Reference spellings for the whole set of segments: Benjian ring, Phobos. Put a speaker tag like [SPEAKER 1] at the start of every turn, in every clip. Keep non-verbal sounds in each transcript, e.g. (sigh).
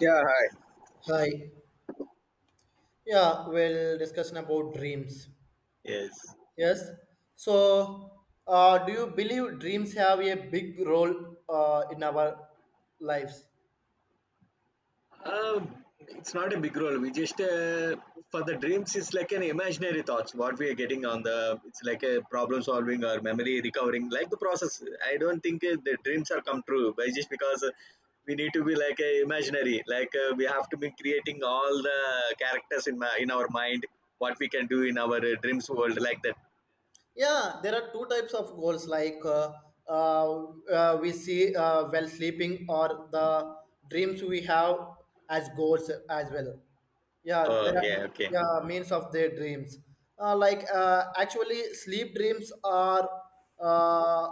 [SPEAKER 1] Yeah, hi.
[SPEAKER 2] Hi. Yeah, we'll discussion about dreams.
[SPEAKER 1] Yes.
[SPEAKER 2] Yes. So, do you believe dreams have a big role in our lives?
[SPEAKER 1] It's not a big role. We just for the dreams it's like an imaginary thoughts. What we are getting on the it's like a problem solving or memory recovering, like the process. I don't think the dreams are come true, but just because we need to be like a imaginary. Like we have to be creating all the characters in my in our mind. What we can do in our dreams world, like that.
[SPEAKER 2] Yeah, there are two types of goals like uh, we see while sleeping or the dreams we have as goals as well. Yeah,
[SPEAKER 1] Oh
[SPEAKER 2] there are
[SPEAKER 1] yeah, okay.
[SPEAKER 2] yeah means of their dreams. Actually, sleep dreams are uh,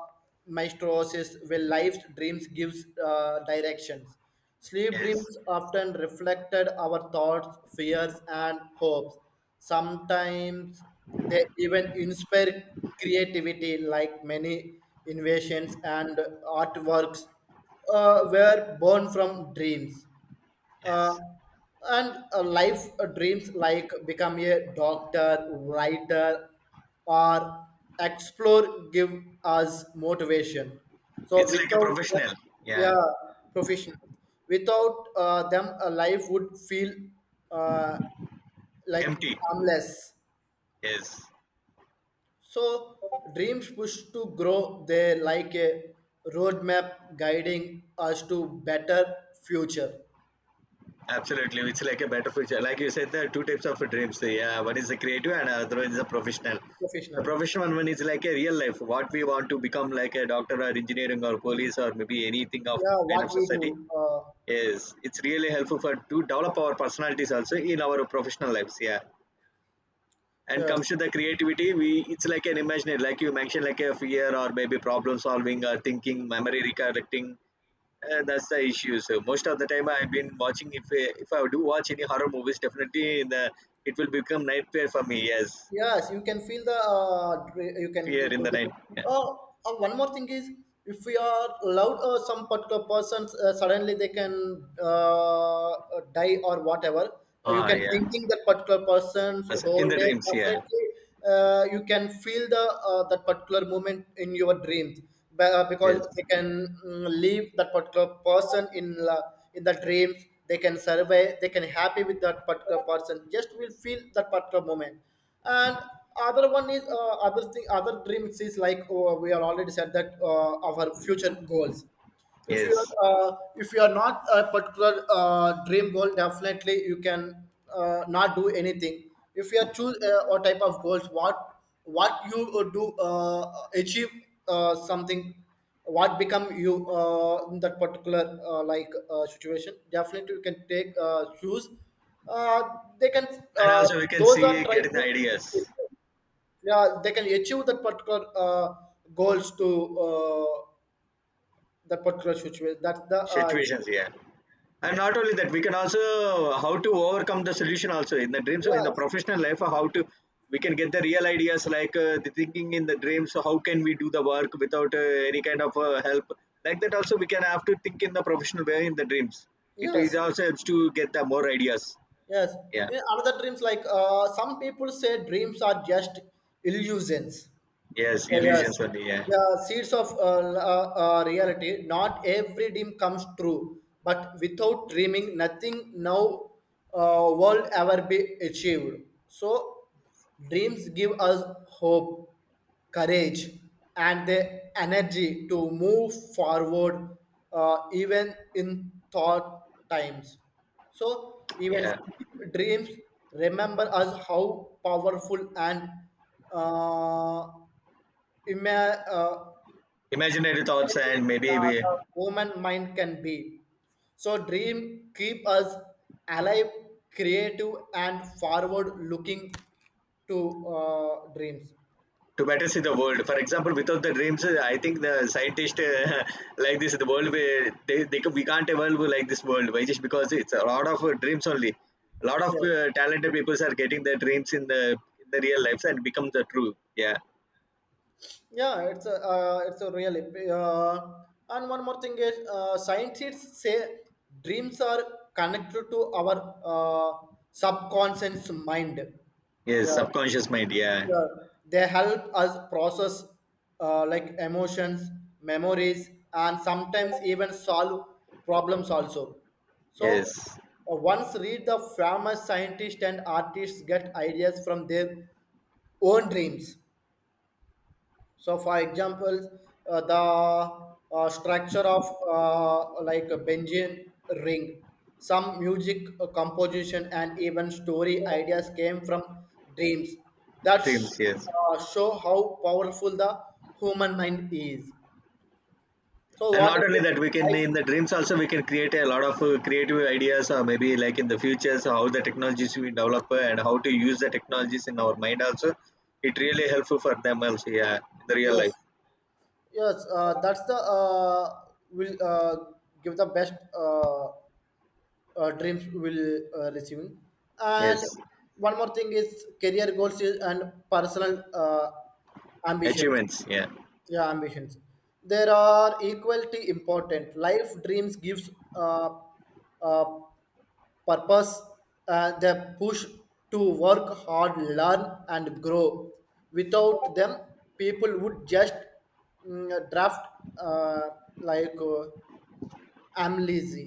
[SPEAKER 2] maestros is where life's dreams gives directions. Sleep
[SPEAKER 1] Yes,
[SPEAKER 2] dreams often reflected our thoughts, fears, and hopes. Sometimes they even inspire creativity, like many inventions and artworks were born from dreams uh,
[SPEAKER 1] yes.
[SPEAKER 2] and life dreams like become a doctor, writer, or explore give us motivation. So
[SPEAKER 1] It's like a
[SPEAKER 2] without them,
[SPEAKER 1] professional. Yeah,
[SPEAKER 2] yeah, professional. Without them, a life would feel uh, like
[SPEAKER 1] empty.
[SPEAKER 2] harmless.
[SPEAKER 1] Yes.
[SPEAKER 2] So dreams push to grow. They like a roadmap guiding us to better future.
[SPEAKER 1] Absolutely, it's like a better future. Like you said, there are two types of dreams. Yeah, one is the creative, and other one is the professional. The
[SPEAKER 2] Professional.
[SPEAKER 1] professional one is like a real life, what we want to become, like a doctor or engineering or police or maybe anything of
[SPEAKER 2] Yeah,
[SPEAKER 1] kind of
[SPEAKER 2] what we
[SPEAKER 1] society.
[SPEAKER 2] do.
[SPEAKER 1] Yes, it's really helpful for to develop our personalities also in our professional lives. Yeah, and comes
[SPEAKER 2] Yes.
[SPEAKER 1] to the creativity, we it's like an imaginary, like you mentioned, like a fear or maybe problem solving or thinking, memory recollecting that's the issue. So most of the time, I've been watching. If I do watch any horror movies, definitely in the it will become nightmare for me. Yes,
[SPEAKER 2] Yes, you can feel the you can
[SPEAKER 1] fear in
[SPEAKER 2] go
[SPEAKER 1] the night.
[SPEAKER 2] the.
[SPEAKER 1] Yeah.
[SPEAKER 2] Oh, oh, one more thing is if we are allowed, some particular persons suddenly they can die or whatever. You
[SPEAKER 1] Ah,
[SPEAKER 2] can
[SPEAKER 1] yeah.
[SPEAKER 2] thinking that particular person's
[SPEAKER 1] As- In
[SPEAKER 2] whole
[SPEAKER 1] the
[SPEAKER 2] day
[SPEAKER 1] dreams. Yeah.
[SPEAKER 2] definitely you can feel the that particular moment in your dreams because
[SPEAKER 1] Yes.
[SPEAKER 2] they can leave that particular person in la in the dreams. They can survey. They can happy with that particular person. Just will feel that particular moment and other one is other thing other dreams is like we are already said that our future goals
[SPEAKER 1] Yes.
[SPEAKER 2] if you are not a particular dream goal definitely you can not do anything if you are choose or type of goals what you would do achieve something what become you in that particular situation definitely you can take choose uh, they can
[SPEAKER 1] And
[SPEAKER 2] uh,
[SPEAKER 1] also we can
[SPEAKER 2] those are
[SPEAKER 1] see
[SPEAKER 2] try
[SPEAKER 1] getting
[SPEAKER 2] to
[SPEAKER 1] ideas,
[SPEAKER 2] yeah they can achieve that particular goals to uh, that particular situation. That's the
[SPEAKER 1] situations.
[SPEAKER 2] issue.
[SPEAKER 1] Yeah. And not only that, we can also how to overcome the solution also in the dreams in the
[SPEAKER 2] Yes,
[SPEAKER 1] professional life how to we can get the real ideas like the thinking in the dreams. So how can we do the work without any kind of help, like that also we can have to think in the professional way in the dreams. It
[SPEAKER 2] yes,
[SPEAKER 1] also helps to get the more ideas.
[SPEAKER 2] yes.
[SPEAKER 1] Yeah.
[SPEAKER 2] In other dreams, like some people say, dreams are just illusions.
[SPEAKER 1] Yes,
[SPEAKER 2] Oh, yes.
[SPEAKER 1] illusions only. Yeah,
[SPEAKER 2] The seeds of reality. Not every dream comes true, but without dreaming, nothing now will ever be achieved. So, dreams give us hope, courage, and the energy to move forward, even in thought times. So, even
[SPEAKER 1] yeah,
[SPEAKER 2] dreams remember us how powerful and uh, ima- uh,
[SPEAKER 1] imaginary thoughts. And
[SPEAKER 2] imagination
[SPEAKER 1] maybe we,
[SPEAKER 2] the human mind can be. So dream keep us alive, creative, and forward-looking to dreams.
[SPEAKER 1] to better see the world. For example, without the dreams, I think the scientist (laughs) like this, the world will- we can't evolve like this world. Why? Just because it's a lot of dreams only. A lot of
[SPEAKER 2] Yeah,
[SPEAKER 1] talented people are getting their dreams in the real lives and become the true. Yeah.
[SPEAKER 2] yeah, it's a really. Uh, and one more thing is, scientists say dreams are connected to our subconscious mind.
[SPEAKER 1] Yes.
[SPEAKER 2] Yeah.
[SPEAKER 1] Subconscious mind. Yeah.
[SPEAKER 2] Yeah, they help us process like emotions, memories, and sometimes even solve problems also. So
[SPEAKER 1] Yes.
[SPEAKER 2] once read the famous scientists and artists get ideas from their own dreams. So, for example, the structure of like a Benjian ring, some music composition, and even story ideas came from dreams that
[SPEAKER 1] Dreams.
[SPEAKER 2] sh-
[SPEAKER 1] Yes.
[SPEAKER 2] show how powerful the human mind is. So,
[SPEAKER 1] And
[SPEAKER 2] what
[SPEAKER 1] not
[SPEAKER 2] are
[SPEAKER 1] only
[SPEAKER 2] the
[SPEAKER 1] that, we can in the
[SPEAKER 2] I-
[SPEAKER 1] dreams also we can create a lot of creative ideas or maybe like in the future, so how the technologies we develop and how to use the technologies in our mind also. It really helpful for them also, yeah, in the real
[SPEAKER 2] yes,
[SPEAKER 1] life.
[SPEAKER 2] yes, that's the will give the best. Dreams will receiving and
[SPEAKER 1] Yes.
[SPEAKER 2] one more thing is career goals is- and personal ambitions
[SPEAKER 1] Achievements, yeah.
[SPEAKER 2] yeah ambitions there are equally important life dreams gives uh, purpose the push to work hard, learn, and grow without them people would just draft uh, like uh, I'm lazy.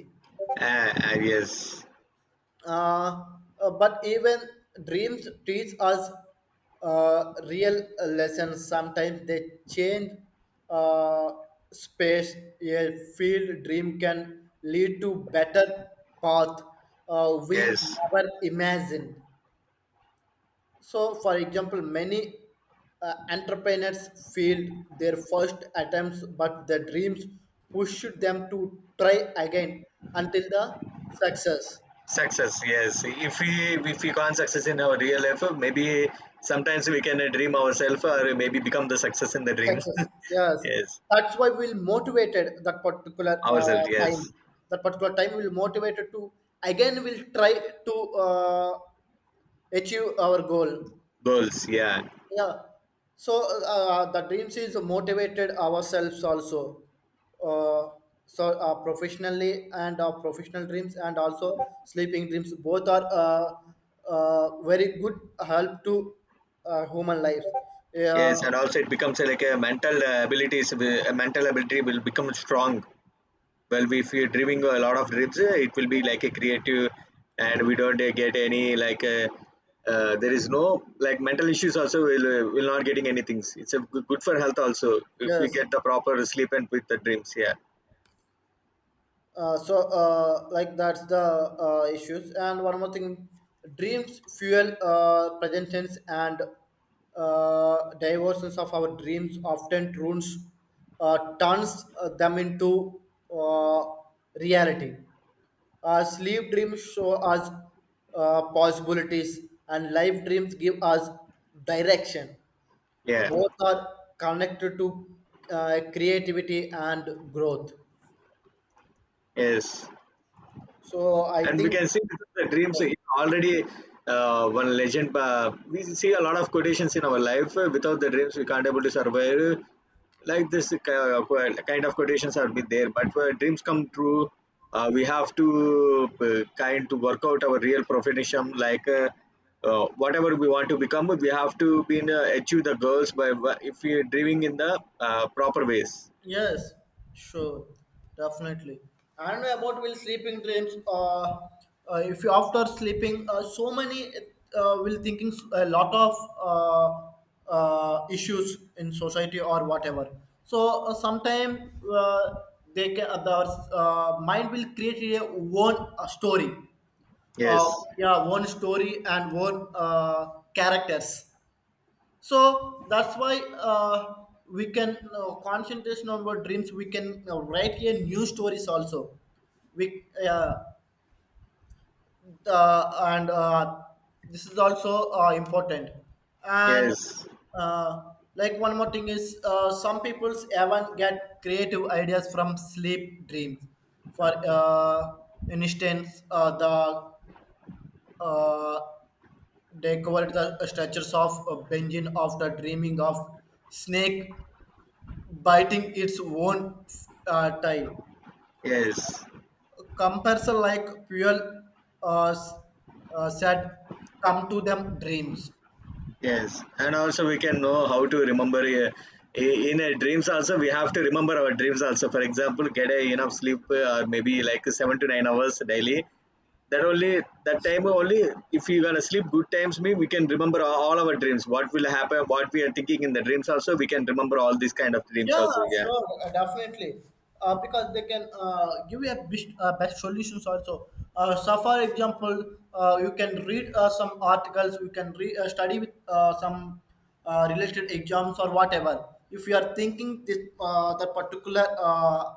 [SPEAKER 1] Yes.
[SPEAKER 2] uh, but even dreams teach us real lessons. Sometimes they change uh, space. A field dream can lead to better path we
[SPEAKER 1] Yes,
[SPEAKER 2] never imagined. So, for example, many entrepreneurs failed their first attempts, but their dreams pushed them to try again until the success.
[SPEAKER 1] success. Yes, if we, if we can't success in our real life, maybe sometimes we can dream ourselves or maybe become the success in the dream
[SPEAKER 2] Success.
[SPEAKER 1] (laughs)
[SPEAKER 2] Yes,
[SPEAKER 1] yes,
[SPEAKER 2] that's why we'll motivated that particular
[SPEAKER 1] ourselves.
[SPEAKER 2] time.
[SPEAKER 1] Yes,
[SPEAKER 2] That particular time will motivated to again we'll try to uh, achieve our goal.
[SPEAKER 1] goals. Yeah.
[SPEAKER 2] Yeah. So the dreams is motivated ourselves also. Uh, so professionally and our professional dreams and also sleeping dreams both are very good help to human life.
[SPEAKER 1] Yes,
[SPEAKER 2] Yeah.
[SPEAKER 1] and also it becomes like a mental abilities, will- a mental ability will become strong. Well, we- if you're dreaming a lot of dreams, it will be like a creative, and we don't get any like there is no like mental issues. Also, will not getting anything. It's a good, good for health also if we
[SPEAKER 2] Yes.
[SPEAKER 1] get the proper sleep and with the dreams. Yeah,
[SPEAKER 2] So like that's the issues and one more thing dreams fuel present tense and diversions of our dreams often turns them into uh, reality. Sleep dreams show us possibilities and life dreams give us direction.
[SPEAKER 1] yeah,
[SPEAKER 2] Both are connected to creativity and growth.
[SPEAKER 1] yes.
[SPEAKER 2] So I
[SPEAKER 1] And we
[SPEAKER 2] think
[SPEAKER 1] can see this is the dreams in already one legend. We see a lot of quotations in our life. Without the dreams we can't able to survive like this, kind of quotations are been there, but for dreams come true we have to kind to work out our real profession, like whatever we want to become, we have to be in, achieve the goals by if we are dreaming in the proper ways.
[SPEAKER 2] yes, sure, definitely. And about will sleeping dreams. If you after sleeping, so many will thinking a lot of uh, issues in society or whatever. So sometime they can the mind will create a own story, uh,
[SPEAKER 1] Yes,
[SPEAKER 2] yeah, one story and one characters. So that's why we can concentration on our dreams we can write here new stories also we and this is also important and
[SPEAKER 1] yes,
[SPEAKER 2] uh, like one more thing is some people's even get creative ideas from sleep dreams for instance the uh, they covered the structures of Benjin after dreaming of snake biting its own tail.
[SPEAKER 1] yes.
[SPEAKER 2] Comparison like fuel uh, s- said, come to them dreams.
[SPEAKER 1] Yes, and also we can know how to remember I- in a dreams also we have to remember our dreams also. For example, get a enough sleep or maybe like 7 to 9 hours daily. That only, that time only, if we gonna sleep good times mean we can remember all our dreams. What will happen? What we are thinking in the dreams also, we can remember all these kind of dreams
[SPEAKER 2] Yeah,
[SPEAKER 1] also. Yeah.
[SPEAKER 2] sure, definitely. Because they can give you a best, best solutions also. So, for example, you can read some articles, you can study with some related exams or whatever. If you are thinking this the particular uh,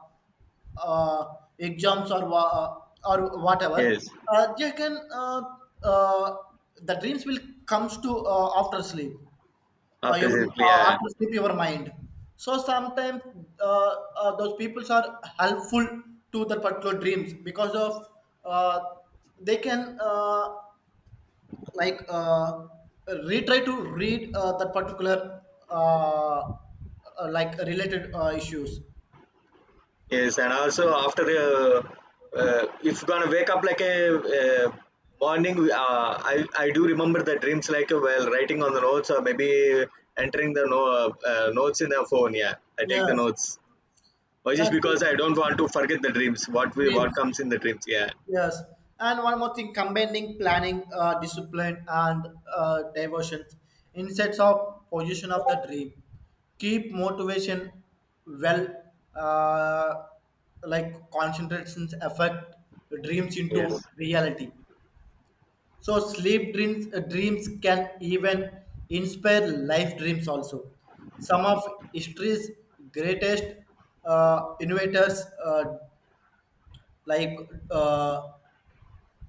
[SPEAKER 2] uh, exams or or whatever
[SPEAKER 1] Yes.
[SPEAKER 2] they can uh, the dreams will comes to after sleep
[SPEAKER 1] After
[SPEAKER 2] even
[SPEAKER 1] sleep, yeah.
[SPEAKER 2] after sleep your mind. So sometimes uh, those peoples are helpful to the particular dreams because of uh, they can like uh, retry to read that particular uh, like related issues
[SPEAKER 1] Yes, and also after if gonna wake up like a uh, morning, uh, I do remember the dreams like while writing on the notes or maybe entering the no, notes in the phone. Yeah, I take the
[SPEAKER 2] yes
[SPEAKER 1] notes. Or just
[SPEAKER 2] that's it.
[SPEAKER 1] because I don't want to forget the dreams. What we what
[SPEAKER 2] Dreams
[SPEAKER 1] comes in the dreams? Yeah.
[SPEAKER 2] yes, and one more thing: combining planning, discipline, and diversion, instead of position of the dream, keep motivation well, uh, like concentrations affect dreams into
[SPEAKER 1] Yes.
[SPEAKER 2] reality. So sleep dreams dreams can even inspire life dreams also. Some of history's greatest innovators like uh,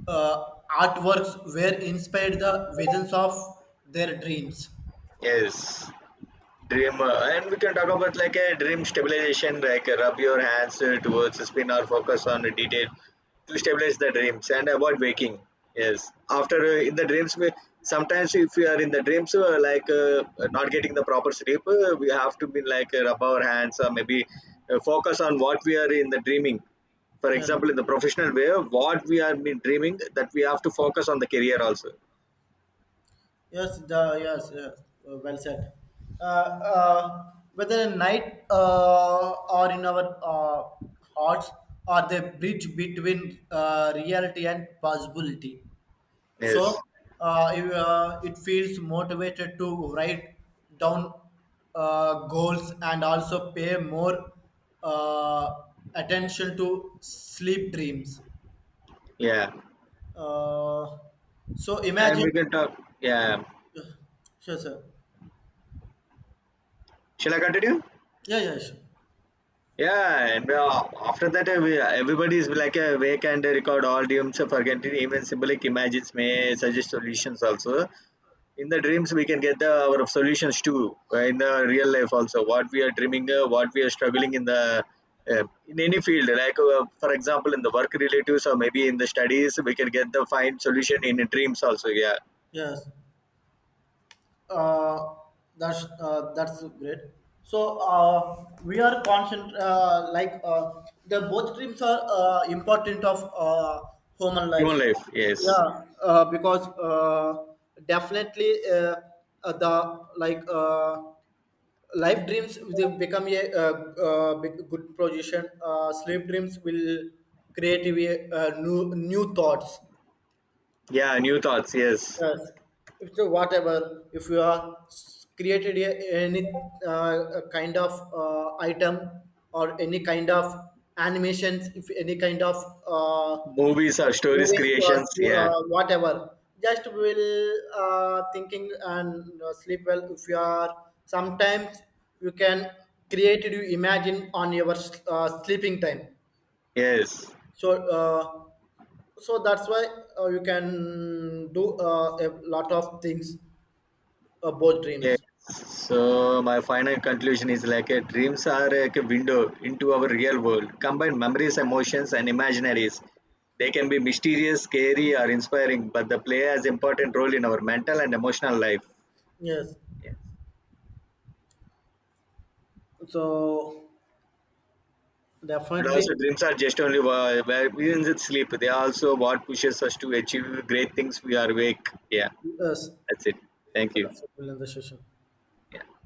[SPEAKER 2] uh, artworks were inspired the visions of their dreams.
[SPEAKER 1] Yes. Dream, and we can talk about like a dream stabilization, like rub your hands towards the spin or focus on a detail to stabilize the dreams and avoid waking. Yes, after in the dreams, we, sometimes if we are in the dreams, not getting the proper sleep, we have to be like rub our hands or maybe focus on what we are in the dreaming. For
[SPEAKER 2] Yeah.
[SPEAKER 1] example, in the professional way, what we are been dreaming, that we have to focus on the career also.
[SPEAKER 2] Yes, the, yes, yes. Well said. Uh, uh, Whether in night or in our hearts, are the bridge between reality and possibility. So
[SPEAKER 1] Yes,
[SPEAKER 2] if, it feels motivated to write down goals and also pay more uh, attention to sleep dreams,
[SPEAKER 1] yeah,
[SPEAKER 2] uh, so
[SPEAKER 1] and we
[SPEAKER 2] imagine
[SPEAKER 1] can talk. Yeah,
[SPEAKER 2] sure sir
[SPEAKER 1] shall I continue?
[SPEAKER 2] yeah yeah sure.
[SPEAKER 1] Yeah, and after that, we- everybody is like wake and record all dreams of forgetting. Even symbolic images may suggest solutions also. In the dreams, we can get the, our solutions too. In the real life also, what we are dreaming, what we are struggling in the in any field. Like for example, in the work relatives or maybe in the studies, we can get the find solution in dreams also. Yeah,
[SPEAKER 2] Yes uh, that's great. So we are concent the both dreams are important of human
[SPEAKER 1] human
[SPEAKER 2] lives.
[SPEAKER 1] life. Yes.
[SPEAKER 2] Yeah, because definitely the like life dreams they become a big- good position. Sleep dreams will create a new new thoughts.
[SPEAKER 1] Yeah, new thoughts. Yes,
[SPEAKER 2] Yes, if the whatever, if you are created a, any kind of item or any kind of animations, if any kind of uh,
[SPEAKER 1] movies or stories
[SPEAKER 2] movies
[SPEAKER 1] creations.
[SPEAKER 2] or
[SPEAKER 1] Yeah.
[SPEAKER 2] whatever, just will thinking and sleep well. If you are sometimes you can create you imagine on your sleeping time.
[SPEAKER 1] Yes.
[SPEAKER 2] So. So that's why you can do a lot of things both
[SPEAKER 1] Yes.
[SPEAKER 2] dreams
[SPEAKER 1] So my final conclusion is like a dreams are eh, like a window into our real world. Combine memories, emotions, and imaginaries. They can be mysterious, scary, or inspiring, but they play as important role in our mental and emotional life.
[SPEAKER 2] yes
[SPEAKER 1] Yes.
[SPEAKER 2] so
[SPEAKER 1] And
[SPEAKER 2] definitely
[SPEAKER 1] also, dreams are just only wha- where we didn't sleep. They are also what pushes us to achieve great things. We are awake. Yeah,
[SPEAKER 2] yes
[SPEAKER 1] that's it. Thank you.
[SPEAKER 2] that's the session
[SPEAKER 1] Yeah.